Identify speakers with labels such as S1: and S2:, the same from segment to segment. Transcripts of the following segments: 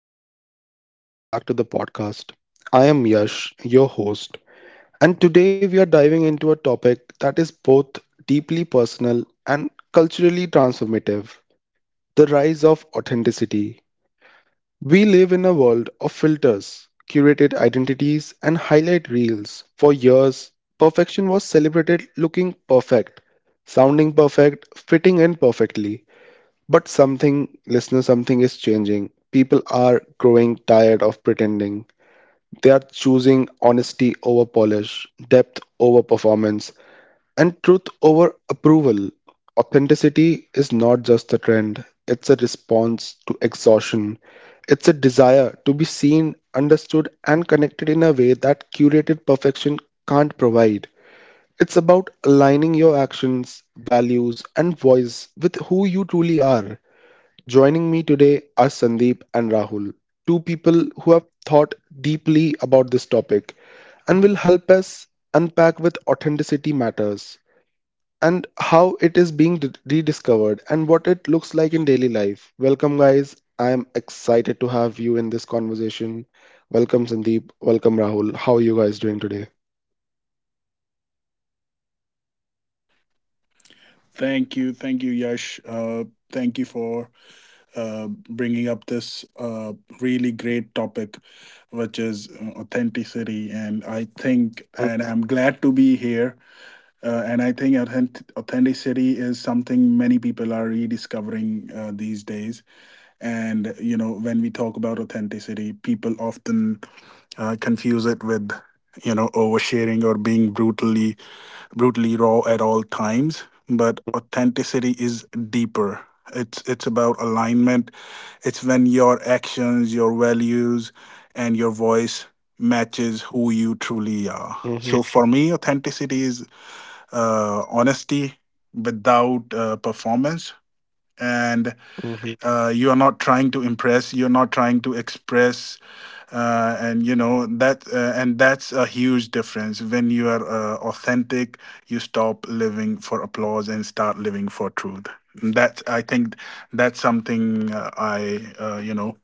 S1: everyone. Welcome back to the podcast. I am Yash, your host, and today we are diving into a topic that is both deeply personal and culturally transformative: the rise of authenticity. We live in a world of filters, curated identities, and highlight reels. For years, perfection was celebrated: looking perfect, sounding perfect, fitting in perfectly. But something, listener, something is changing. People are growing tired of pretending. They are choosing honesty over polish, depth over performance, and truth over approval. Authenticity is not just a trend, it's a response to exhaustion. It's a desire to be seen, understood, and connected in a way that curated perfection can't provide. It's about aligning your actions, values, and voice with who you truly are. Joining me today are Sandeep and Rahul, two people who have thought deeply about this topic and will help us unpack with authenticity matters and how it is being rediscovered and what it looks like in daily life. Welcome, guys. I am excited to have you in this conversation. Welcome, Sandeep. Welcome, Rahul. How are you guys doing today?
S2: Thank you, Yash. Thank you for bringing up this really great topic, which is authenticity. And I think,
S1: Mhm.
S2: and I'm glad to be here. And I think authenticity is something many people are rediscovering these days. And you know, when we talk about authenticity, people often confuse it with, you know, oversharing or being brutally raw at all times, but authenticity is deeper. It's about alignment. It's when your actions, your values, and your voice matches who you truly are.
S1: Mhm.
S2: So for me, authenticity is honesty without performance, and
S1: Mhm.
S2: you are not trying to impress. You're not trying to express, and you know that, and that's a huge difference. When you are authentic, you stop living for applause and start living for truth. And that's, I think, that's something I you know,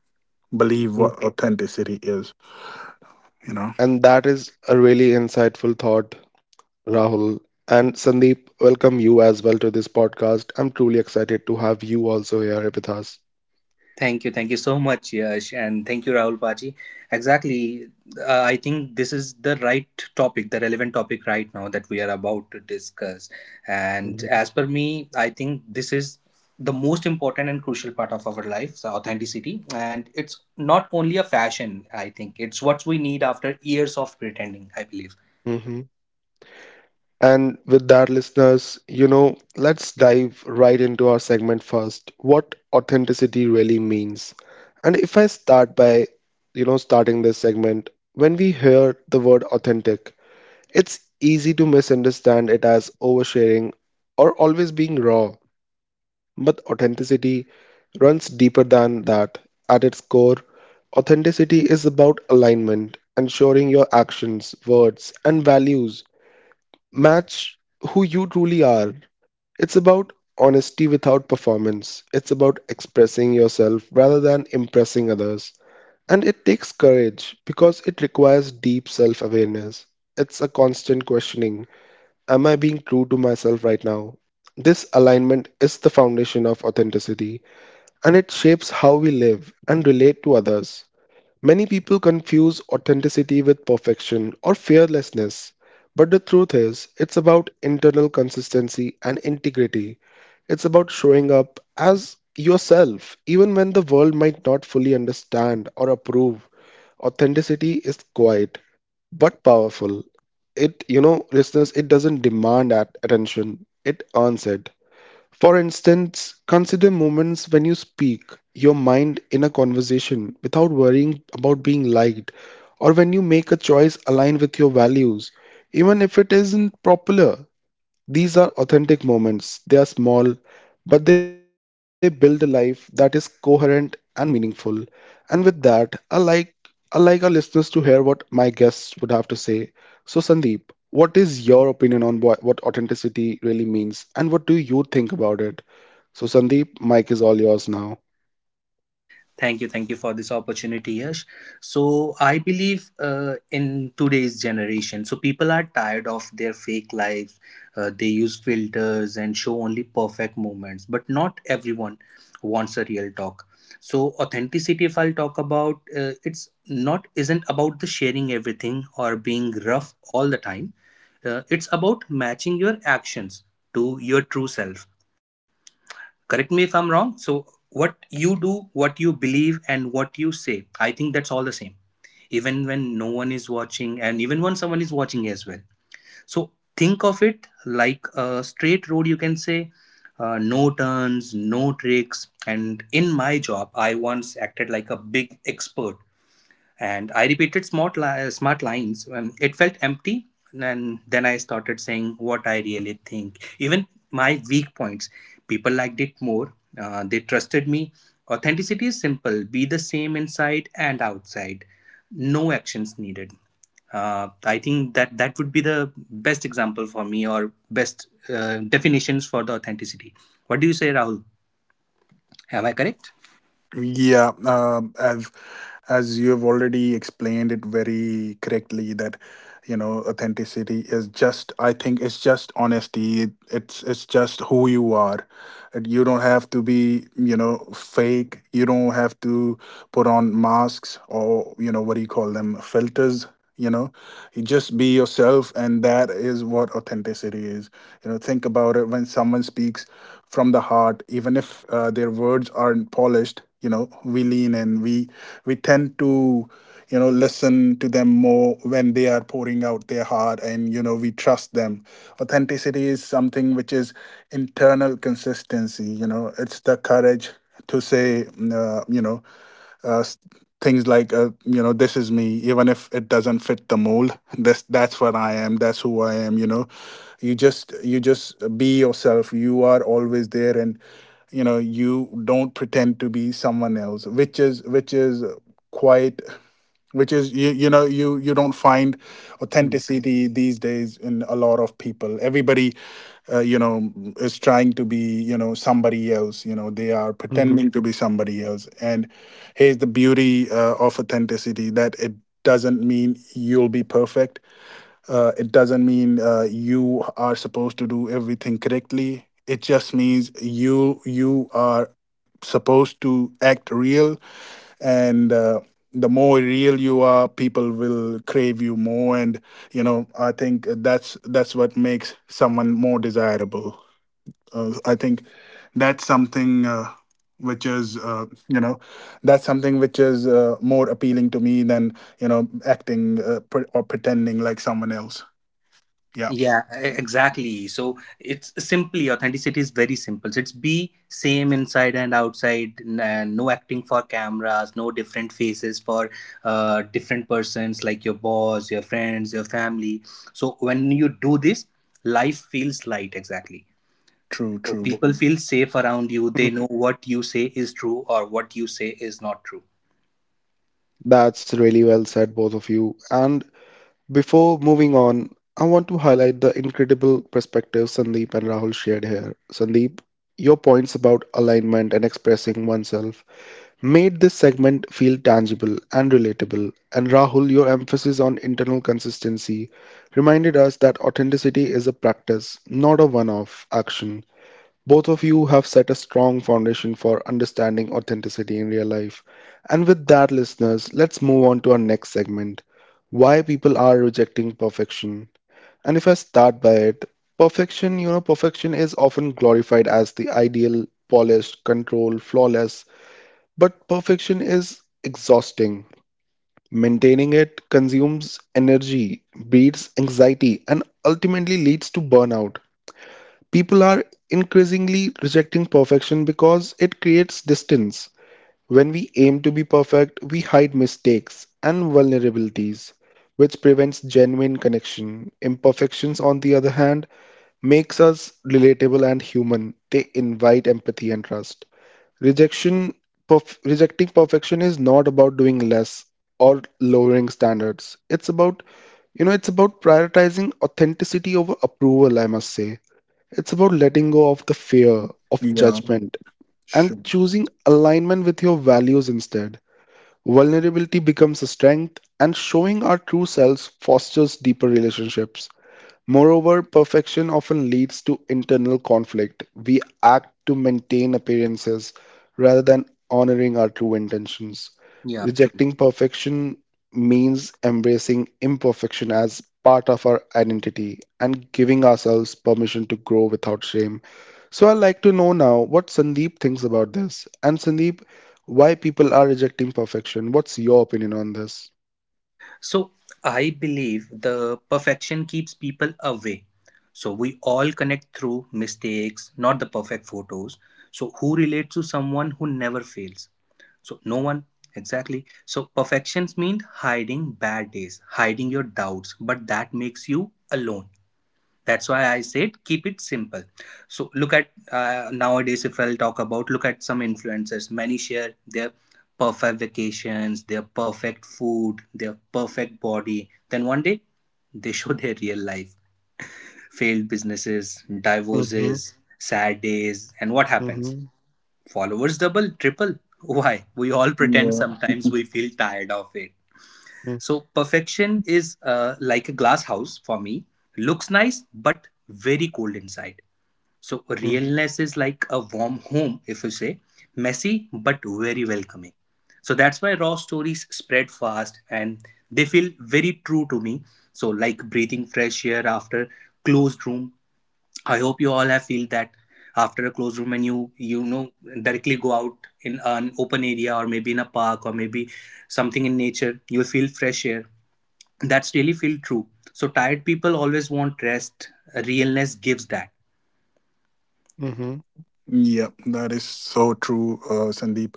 S2: believe
S1: Mhm.
S2: what authenticity is, you know.
S1: And that is a really insightful thought, Rahul, and Sandeep, welcome you as well to this podcast. I'm truly excited to have you also here with us.
S3: Thank you so much, Yash, and thank you, Rahul Paji. Exactly, I think this is the right topic, the relevant topic right now that we are about to discuss. And
S1: Mhm.
S3: as per me, I think this is the most important and crucial part of our life, so authenticity. And it's not only a fashion, I think, it's what we need after years of pretending, I believe.
S1: Hmm. And with that, listeners, you know, let's dive right into our segment first. What authenticity really means. And if I start by, you know, starting this segment, when we hear the word authentic, it's easy to misunderstand it as oversharing or always being raw. But authenticity runs deeper than that. At its core, authenticity is about alignment, ensuring your actions, words, and values match who you truly are. It's about honesty without performance. It's about expressing yourself rather than impressing others. And it takes courage because it requires deep self awareness. It's a constant questioning: am I being true to myself right now? This alignment is the foundation of authenticity and it shapes how we live and relate to others. Many people confuse authenticity with perfection or fearlessness, but the truth is, it's about internal consistency and integrity. It's about showing up as yourself, even when the world might not fully understand or approve. Authenticity is quiet but powerful. Listeners, it doesn't demand at attention, it earns it. For instance, consider moments when you speak your mind in a conversation without worrying about being liked, or when you make a choice aligned with your values, even if it isn't popular. These are authentic moments. They are small, but they build a life that is coherent and meaningful. And with that, I like our listeners to hear what my guests would have to say. So, Sandeep, what is your opinion on what authenticity really means, and what do you think about it? So, Sandeep, mic is all yours now.
S3: Thank you for this opportunity, Yash. So I believe in today's generation, so people are tired of their fake lives. They use filters and show only perfect moments, but not everyone wants a real talk. So authenticity, if I'll talk about, it's not isn't about the sharing everything or being rough all the time. It's about matching your actions to your true self. Correct me if I'm wrong. So what you do, what you believe, and what you say, I think that's all the same, even when no one is watching and even when someone is watching as well. So think of it like a straight road, you can say. No turns, no tricks. And in my job I once acted like a big expert, and I repeated smart lines. It felt empty. And then I started saying what I really think, even my weak points. People liked it more. They trusted me. Authenticity is simple. Be the same inside and outside. No actions needed. I think that would be the best example for me, or best definitions for the authenticity. What do you say, Rahul? Am I correct?
S2: Yeah, as you have already explained it very correctly, that you know, authenticity is just, I think it's just honesty. It's just who you are. And you don't have to be, you know, fake. You don't have to put on masks or, you know, what do you call them, filters, you know, you just be yourself and that is what authenticity is, you know. Think about it, when someone speaks from the heart, even if their words aren't polished, you know, we lean in, we tend to, you know, listen to them more when they are pouring out their heart, and you know, we trust them. Authenticity is something which is internal consistency, you know, it's the courage to say, uh, you know uh, s- things like, you know, this is me, even if it doesn't fit the mold. this That's what I am, that's who I am, you know. You just, be yourself. You are always there, and you know, you don't pretend to be someone else, which is quite, which is, you don't find authenticity these days in a lot of people. Everybody, you know, is trying to be, you know, somebody else, you know, they are
S1: Mhm.
S2: pretending to be somebody else. And here's the beauty of authenticity, that it doesn't mean you'll be perfect. It doesn't mean you are supposed to do everything correctly, it just means you you are supposed to act real. And the more real you are, people will crave you more. And you know, I think that's what makes someone more desirable. I think that's something, which is you know that's something which is more appealing to me than, you know, acting, pre- or pretending like someone else, yeah.
S3: Yeah, exactly. So it's simply, authenticity is very simple. So it's be same inside and outside. No acting for cameras. No different faces for different persons like your boss, your friends, your family. So when you do this, life feels light. Exactly.
S2: True,
S3: Okay.
S2: true.
S3: People feel safe around you. They know what you say is true or what you say is not true.
S1: That's really well said, both of you. And before moving on, I want to highlight the incredible perspective Sandeep and Rahul shared here. Sandeep, your points about alignment and expressing oneself made this segment feel tangible and relatable. And Rahul, your emphasis on internal consistency reminded us that authenticity is a practice, not a one off action. Both of you have set a strong foundation for understanding authenticity in real life. And with that, listeners, let's move on to our next segment: why people are rejecting perfection. And if I start by it, perfection, you know, perfection is often glorified as the ideal: polished, controlled, flawless, but perfection is exhausting. Maintaining it consumes energy, breeds anxiety, and ultimately leads to burnout. People are increasingly rejecting perfection because it creates distance. When we aim to be perfect, we hide mistakes and vulnerabilities, which prevents genuine connection. Imperfections, on the other hand, makes us relatable and human. They invite empathy and trust. Rejection, rejecting perfection is not about doing less or lowering standards. It's about, you know, it's about prioritizing authenticity over approval, I must say. It's about letting go of the fear of
S2: Yeah,
S1: judgment and
S2: sure.
S1: choosing alignment with your values instead. Vulnerability becomes a strength, and showing our true selves fosters deeper relationships. Moreover, perfection often leads to internal conflict. We act to maintain appearances rather than honoring our true intentions.
S3: Yeah, true.
S1: Rejecting perfection means embracing imperfection as part of our identity and giving ourselves permission to grow without shame. So, I'd like to know now what Sandeep thinks about this. And, Sandeep, why people are rejecting perfection? What's your opinion on this?
S3: So I believe the perfection keeps people away. So we all connect through mistakes, not the perfect photos. So who relates to someone who never fails? So no one. Exactly. So perfections mean hiding bad days, hiding your doubts, but that makes you alone. That's why I said keep it simple. So look at nowadays, if I'll talk about, look at some influencers. Many share their perfect vacations, their perfect food, their perfect body. Then one day they show their real life, failed businesses,
S1: Mm-hmm.
S3: divorces, sad days, and what happens?
S1: Mm-hmm.
S3: Followers double, triple. Why? We all pretend,
S2: Yeah.
S3: sometimes we feel tired of it. So perfection is like a glass house for me. Looks nice, but very cold inside. So realness is like a warm home, if you say, messy but very welcoming. So that's why raw stories spread fast, and they feel very true to me. So like breathing fresh air after closed room. I hope you all have feel that, after a closed room and you know directly go out in an open area or maybe in a park or maybe something in nature, you'll feel fresh air. That's really feel true. So tired people always want rest. Realness gives that.
S1: Mm-hmm.
S2: Yep, that is so true, Sandeep.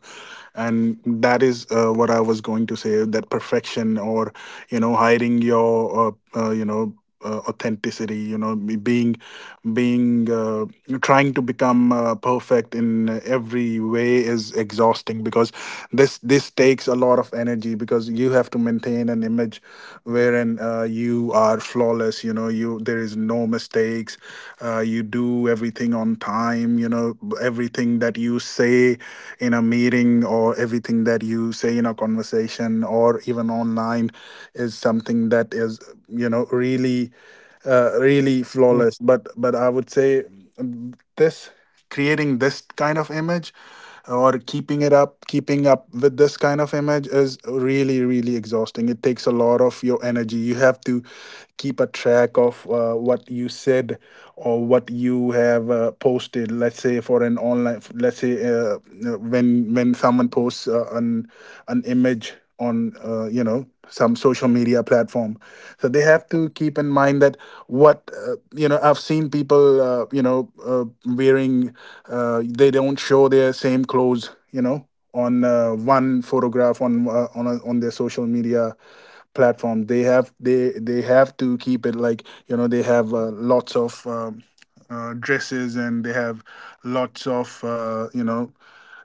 S2: And that is what I was going to say, that perfection, or, you know, hiding your, authenticity, you know, being, trying to become perfect in every way is exhausting, because this takes a lot of energy, because you have to maintain an image wherein you are flawless, you know, you there is no mistakes. You do everything on time, you know, everything that you say in a meeting, or everything that you say in a conversation, or even online, is something that is, you know, really really
S1: Mm-hmm.
S2: flawless. But, I would say, this, creating this kind of image, or keeping it up, keeping up with this kind of image, is really, really exhausting. It takes a lot of your energy. You have to keep a track of what you said, or what you have posted. Let's say for an online, let's say, when someone posts an image on, you know, some social media platform, so they have to keep in mind that, what you know, I've seen people, wearing, they don't show their same clothes, you know, on, one photograph on, on their social media platform. They, have to keep it like, you know, they have lots of dresses, and they have lots of, uh, you know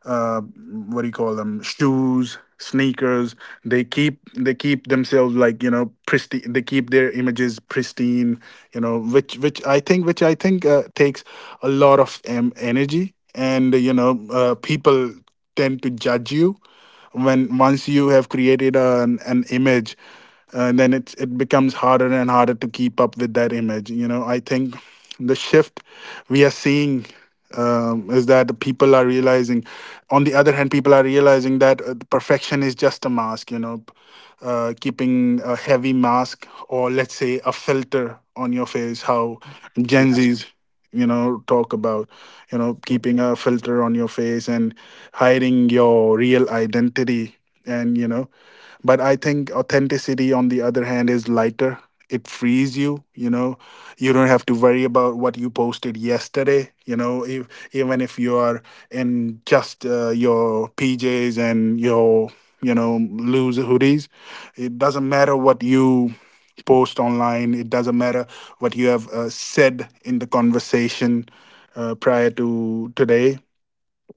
S2: uh, what do you call them, shoes, sneakers. They keep themselves like, you know, pristine, they keep their images pristine, you know, which I think takes a lot of energy. And you know, people tend to judge you when, once you have created an image, then it becomes harder and harder to keep up with that image. You know, I think the shift we are seeing, is that people are realizing, on the other hand, people are realizing that perfection is just a mask, you know, keeping a heavy mask, or let's say a filter on your face, how Gen Z's, you know, talk about, you know, keeping a filter on your face and hiding your real identity. And you know, but I think authenticity on the other hand is lighter, it frees you, you know, you don't have to worry about what you posted yesterday. You know, if, even if you are in just your PJs and your, you know, loose hoodies, it doesn't matter what you post online. It doesn't matter what you have said in the conversation prior to today,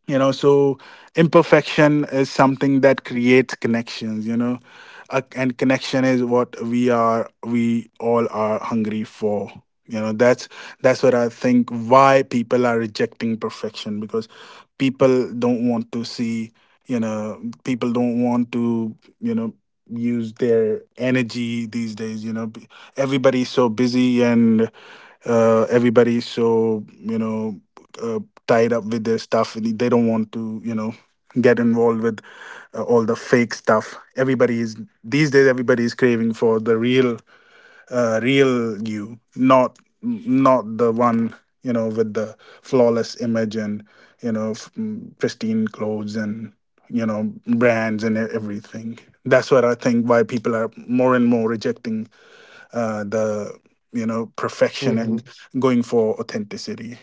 S2: you know. So imperfection is something that creates connections, you know, and connection is what we all are hungry for, you know. That's what I think, why people are rejecting perfection, because people don't want to see, you know, people don't want to, you know, use their energy these days, you know. Everybody's so busy, and everybody's so, you know, uh, tied up with their stuff, and they don't want to, you know, get involved with all the fake stuff. Everybody is, these days everybody is craving for the real, real you, not, the one, you know, with the flawless image, and you know, pristine clothes, and you know, brands, and everything. That's what I think, why people are more and more rejecting the you know perfection, and
S1: Mhm.
S2: going for authenticity,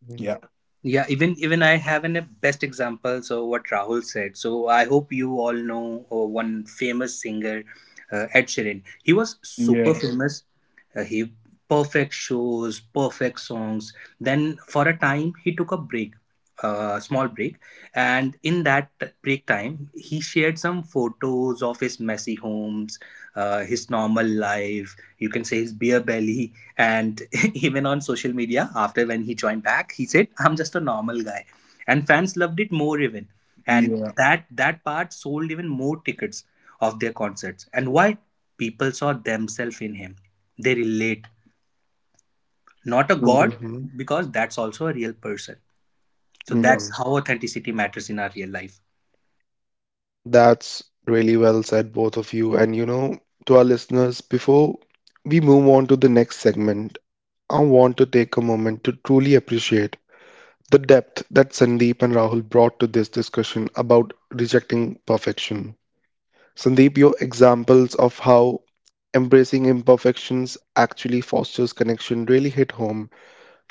S1: Mhm.
S2: yeah.
S3: Yeah, even I have an a best example. So what Rahul said. So I hope you all know one famous singer, Ed Sheeran. He was super famous. He perfect shows, perfect songs. Then for a time he took a break, a small break, and in that break time he shared some photos of his messy homes, his normal life. You can say his beer belly, and even on social media, after when he joined back, he said, "I'm just a normal guy," and fans loved it more even, and
S2: Yeah,
S3: that part sold even more tickets of their concerts. And why? People saw themselves in him. They relate. Not a
S2: true.
S3: god,
S1: Mhm.
S3: because that's also a real person. So
S2: Yeah,
S3: that's
S1: Mhm.
S3: how authenticity matters in our real life.
S1: That's really well said, both of you. And you know, to our listeners, before we move on to the next segment, I want to take a moment to truly appreciate the depth that Sandeep and Rahul brought to this discussion about rejecting perfection. Sandeep, your examples of how embracing imperfections actually fosters connection really hit home.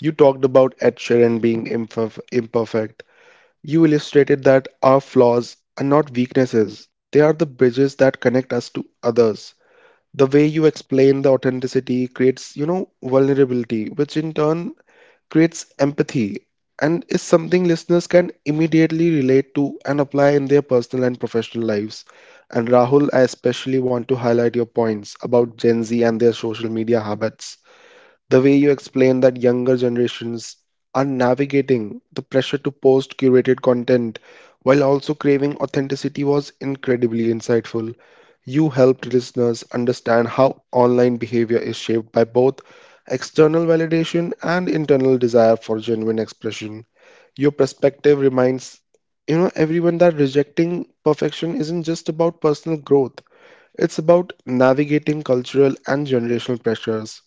S1: You talked about Ed Sheeran being imperfect. You illustrated that our flaws are not weaknesses, they are the bridges that connect us to others. The way you explain the authenticity creates, you know, vulnerability, which in turn creates empathy and is something listeners can immediately relate to and apply in their personal and professional lives. And Rahul, I especially want to highlight your points about Gen Z and their social media habits: the way you explain that younger generations are navigating the pressure to post curated content while also craving authenticity was incredibly insightful. You helped listeners understand how online behavior is shaped by both external validation and internal desire for genuine expression. Your perspective reminds, you know, everyone that rejecting perfection isn't just about personal growth, it's about navigating cultural and generational pressures.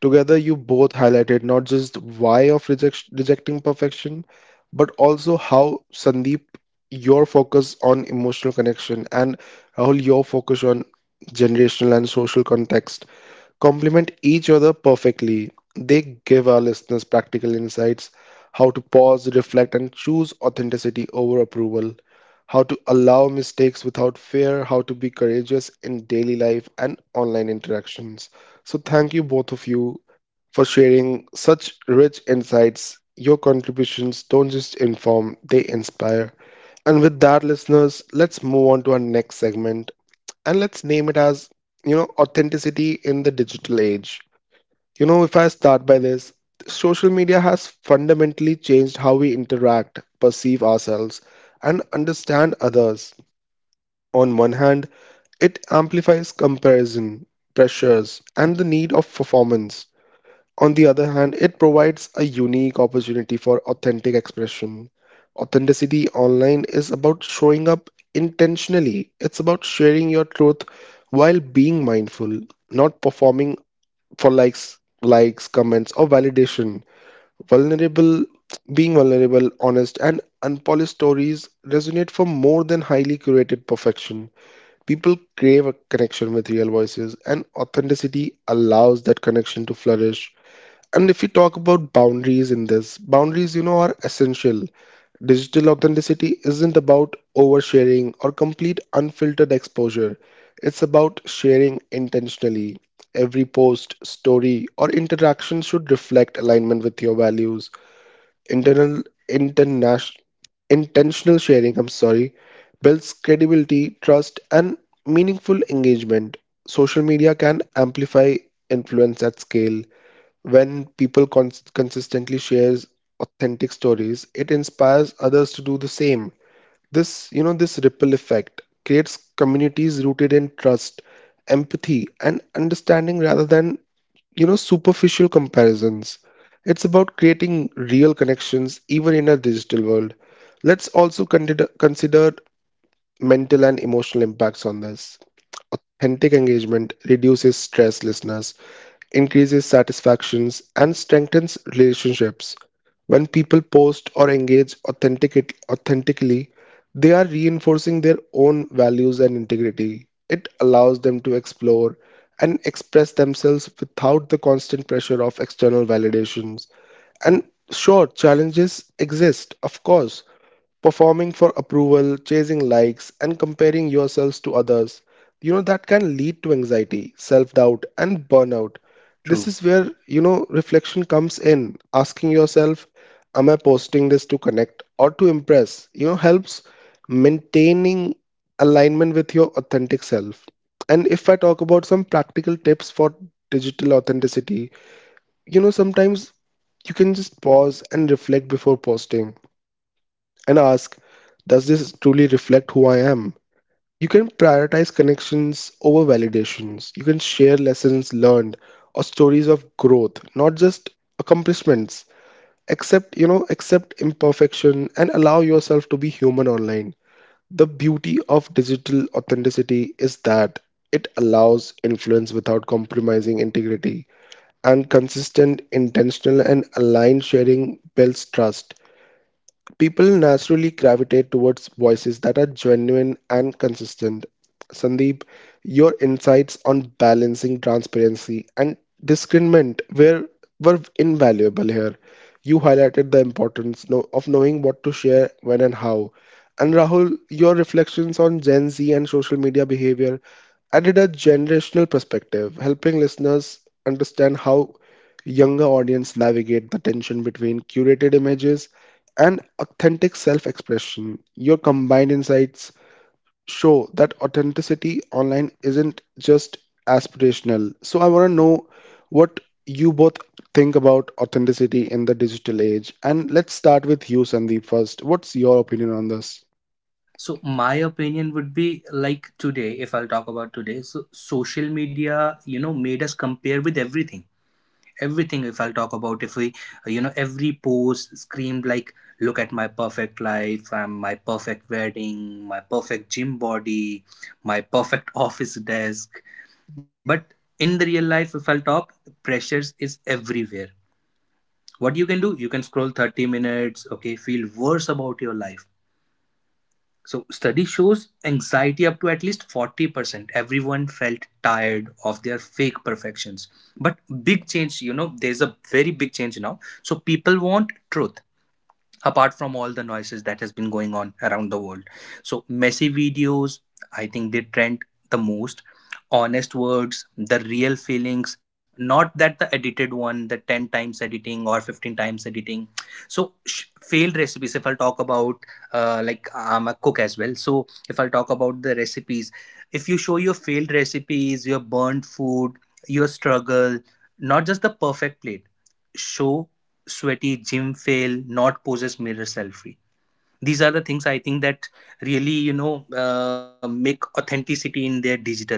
S1: Together, you both highlighted not just why of rejecting perfection, but also how. Sandeep, your focus on emotional connection, and Rahul, your focus on generational and social context complement each other perfectly. They give our listeners practical insights: how to pause, reflect, and choose authenticity over approval, how to allow mistakes without fear, how to be courageous in daily life and online interactions. So, thank you both of you for sharing such rich insights. Your contributions don't just inform, they inspire. And with that, listeners, let's move on to our next segment and let's name it as, you know, authenticity in the digital age. You know, if I start by this, social media has fundamentally changed how we interact, perceive ourselves, and understand others. On one hand, it amplifies comparison, pressures, and the need of performance. On the other hand, it provides a unique opportunity for authentic expression. Authenticity online is about showing up intentionally, it's about sharing your truth while being mindful, not performing for likes, comments, or validation. Vulnerable, being vulnerable, honest, and unpolished stories resonate for more than highly curated perfection. People crave a connection with real voices, and authenticity allows that connection to flourish. And if we talk about boundaries in this, boundaries, you know, are essential. Digital authenticity isn't about oversharing or complete unfiltered exposure. It's about sharing intentionally. Every post, story, or interaction should reflect alignment with your values. Internal, international, intentional sharing, I'm sorry, builds credibility, trust, and meaningful engagement. Social media can amplify influence at scale. When people consistently shares authentic stories, it inspires others to do the same. This ripple effect creates communities rooted in trust, empathy, and understanding rather than, you know, superficial comparisons. It's about creating real connections even in a digital world. Let's also consider mental and emotional impacts on this. Authentic engagement reduces stress, listeners, increases satisfactions, and strengthens relationships. When people post or engage authentically, they are reinforcing their own values and integrity. It allows them to explore and express themselves without the constant pressure of external validations. And sure, challenges exist, of course: performing for approval, chasing likes, and comparing yourselves to others, you know, that can lead to anxiety, self doubt, and burnout. This
S3: True.
S1: is where, you know, reflection comes in, asking yourself, am I posting this to connect or to impress, you know, helps maintaining alignment with your authentic self. And if I talk about some practical tips for digital authenticity, you know, sometimes you can just pause and reflect before posting and ask, does this truly reflect who I am? You can prioritize connections over validations. You can share lessons learned or stories of growth, not just accomplishments. Accept imperfection and allow yourself to be human online. The beauty of digital authenticity is that it allows influence without compromising integrity, and consistent, intentional, and aligned sharing builds trust. People naturally gravitate towards voices that are genuine and consistent. Sandeep, your insights on balancing transparency and discernment were invaluable here. You highlighted the importance know, of knowing what to share when and how. And Rahul, your reflections on Gen Z and social media behavior added a generational perspective, helping listeners understand how younger audience navigate the tension between curated images and authentic self expression. Your combined insights show that authenticity online isn't just aspirational. So, I want to know what you both think about authenticity in the digital age. And let's start with you, Sandeep, first. What's your opinion on this?
S3: So my opinion would be like today, if I'll talk about today, so social media, you know, made us compare with everything, everything, if I'll talk about. If we you know, every post screamed like, look at my perfect life, my perfect wedding, my perfect gym body, my perfect office desk. But in the real life, if I'll talk, pressures is everywhere. What you can do, you can scroll 30 minutes, okay, feel worse about your life. So, study shows anxiety up to at least 40%. Everyone felt tired of their fake perfections. But big change, you know, there's a very big change now. So, people want truth apart from all the noises that has been going on around the world. So messy videos, I think they trend the most, honest words, the real feelings, not that the edited one, the 10 times editing or 15 times editing. So failed recipes, if I'll talk about, like I'm a cook as well. So if I'll talk about the recipes, if you show your failed recipes, your burnt food, your struggle, not just the perfect plate. Show sweaty gym fail, not poses mirror selfie. These are the things I think that really, you know, make authenticity in their digital age.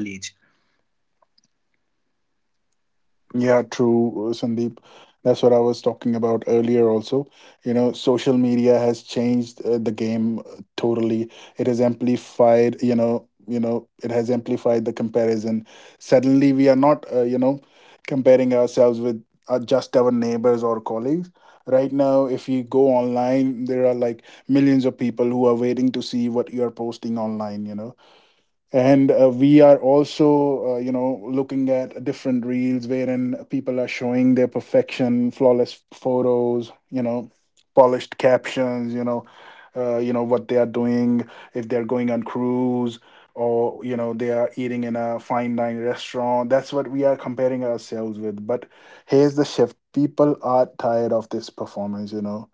S2: yeah, true, Sandeep. That's what I was talking about earlier also. You know, social media has changed the game totally. It has amplified, it has amplified the comparison. Suddenly we are not, you know, comparing ourselves with just our neighbors or colleagues. Right now, if you go online, there are like millions of people who are waiting to see what you are posting online, you know. And we are also, you know, looking at different reels wherein people are showing their perfection, flawless photos, you know, polished captions, you know, you know, what they are doing, if they're going on cruise, or you know, they are eating in a fine dining restaurant. That's what we are comparing ourselves with. But here's the shift, people are tired of this performance, you know.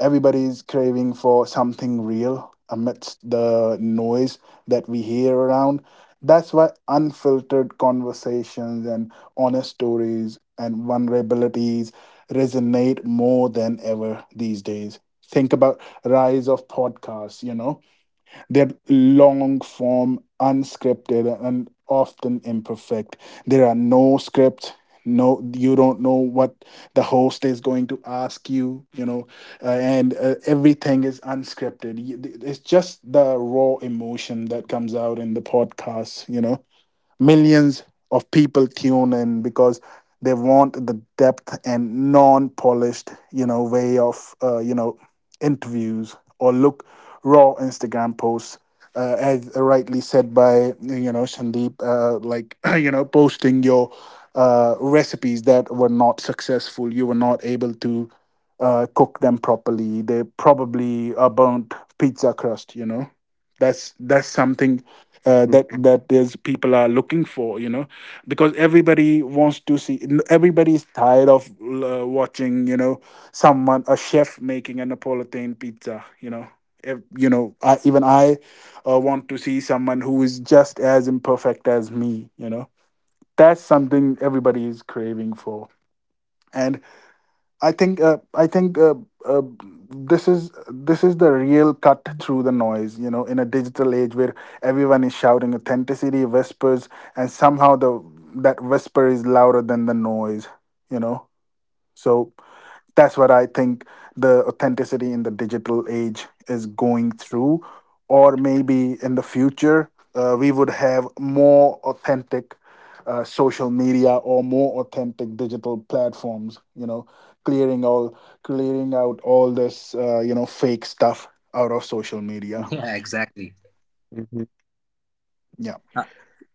S2: Everybody's craving for something real amidst the noise that we hear around. That's why unfiltered conversations and honest stories and vulnerabilities resonate more than ever these days. Think about rise of podcasts, you know, they're long form, unscripted, and often imperfect. There are no script. No, you don't know what the host is going to ask you, you know, and everything is unscripted. It's just the raw emotion that comes out in the podcast, you know, millions of people tune in because they want the depth and non-polished, you know, way of, interviews, or look, raw Instagram posts, as rightly said by, you know, Sandeep, like, you know, posting your, recipes that were not successful, you were not able to cook them properly, they probably a burnt pizza crust, you know. That's something
S1: Mhm.
S2: that that is, people are looking for, you know, because everybody wants to see, everybody is tired of watching, you know, someone, a chef making a Napolitan pizza, you know. You know, even I want to see someone who is just as imperfect as me, you know. That's something everybody is craving for. And. I think, uh, this is, the real cut through the noise. You know, in a digital age where everyone is shouting, authenticity whispers, and somehow the, that whisper is louder than the noise. You know, so that's what I think the authenticity in the digital age is going through. Or maybe in the future, we would have more authentic social media, or more authentic digital platforms. You know, clearing all, clearing out all this, you know, fake stuff out of social media.
S3: Yeah, exactly.
S1: Mhm.
S2: Yeah.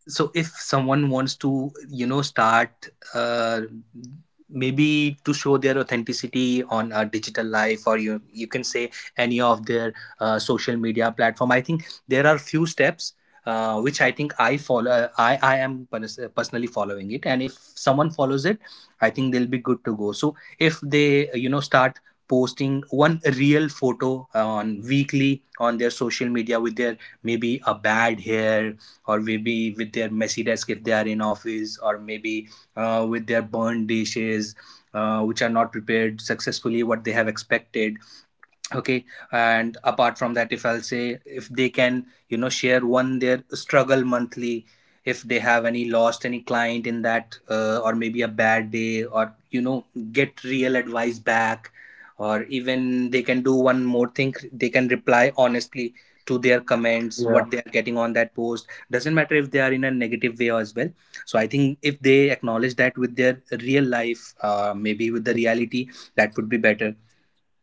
S3: So if someone wants to, you know, start maybe to show their authenticity on a digital life, or you can say any of their social media platform, I think there are few steps which I think I follow. I am personally following it. And if someone follows it, I think they'll be good to go. So if they, you know, start posting one real photo on weekly on their social media with their maybe a bad hair, or maybe with their messy desk if they are in office, or maybe with their burned dishes, which are not prepared successfully what they have expected, okay. And apart from that, if I'll say, if they can, you know, share one their struggle monthly, if they have any lost any client in that, or maybe a bad day, or you know, get real advice back. Or even they can do one more thing, they can reply honestly to their comments what they are getting on that post, doesn't matter if they are in a negative way as well. So I think if they acknowledge that with their real life, maybe with the
S1: Mhm.
S3: reality, that would be better.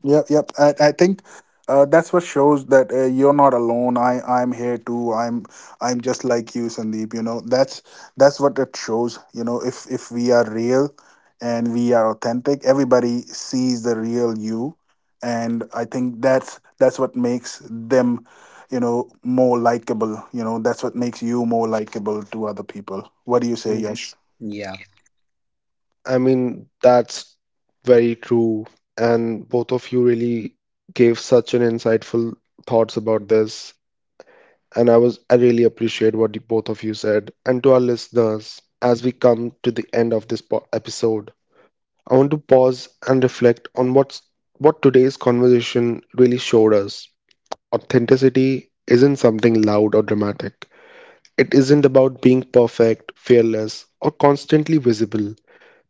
S2: Yep, yep. I think that's what shows that you're not alone. I I'm here too. I'm just like you, Sandeep. You know, that's what it shows. You know, if we are real and we are authentic, everybody sees the real you, and I think that's what makes them, you know, more likable. You know, that's what makes you more likable to other people. What do you say,
S1: Mm,
S2: Yash?
S3: Yeah.
S1: I mean, that's very true. And both of you really gave such an insightful thoughts about this. And I really appreciate what both of you said. And to our listeners, as we come to the end of this po episode, I want to pause and reflect on what today's conversation really showed us. Authenticity isn't something loud or dramatic. It isn't about being perfect, fearless, or constantly visible.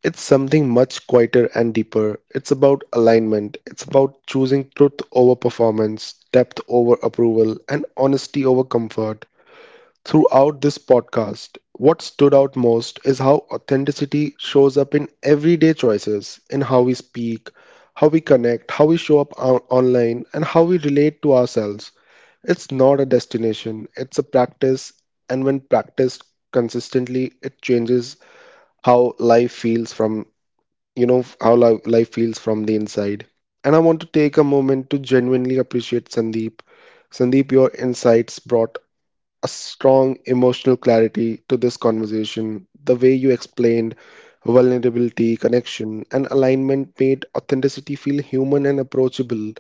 S1: It's something much quieter and deeper. It's about alignment. It's about choosing truth over performance, depth over approval, and honesty over comfort. Throughout this podcast, what stood out most is how authenticity shows up in everyday choices, in how we speak, how we connect, how we show up online, and how we relate to ourselves. It's not a destination, it's a practice, and when practiced consistently, it changes how life feels from you know f- how li- life feels from the inside. And I want to take a moment to genuinely appreciate Sandeep. Sandeep, your insights brought a strong emotional clarity to this conversation. The way you explained vulnerability, connection, and alignment made authenticity feel human and approachable.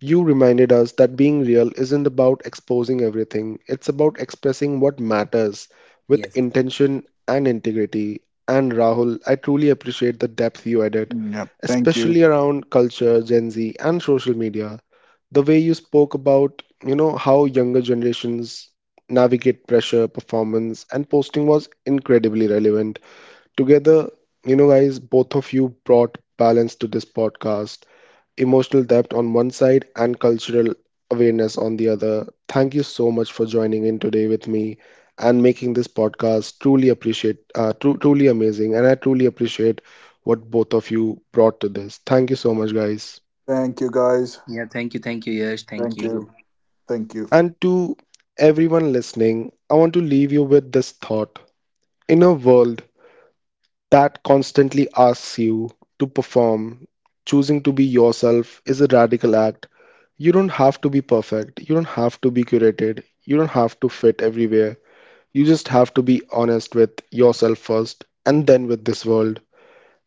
S1: You reminded us that being real isn't about exposing everything, it's about expressing what matters with
S3: Yes.
S1: intention and integrity. And Rahul, I truly appreciate the depth you added,
S2: Yep. Thank you.
S1: especially around culture, Gen Z, and social media. The way you spoke about, you know, how younger generations navigate pressure, performance, and posting was incredibly relevant. Together, you know, guys, both of you brought balance to this podcast: emotional depth on one side and cultural awareness on the other. Thank you so much for joining in today with me and making this podcast truly appreciate truly amazing, and I truly appreciate what both of you brought to this. Thank you so much, guys.
S2: Thank you, guys.
S3: Yeah, thank you, Yash, thank
S2: Thank you.
S3: you.
S2: Thank you.
S1: And to everyone listening, I want to leave you with this thought. In a world that constantly asks you to perform, choosing to be yourself is a radical act. You don't have to be perfect, you don't have to be curated, you don't have to fit everywhere. You just have to be honest with yourself first and then with this world.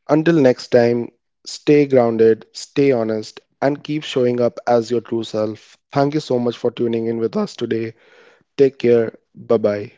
S1: Until next time, stay grounded, stay honest, and keep showing up as your true self. Thank you so much for tuning in with us today. Take care. Bye bye.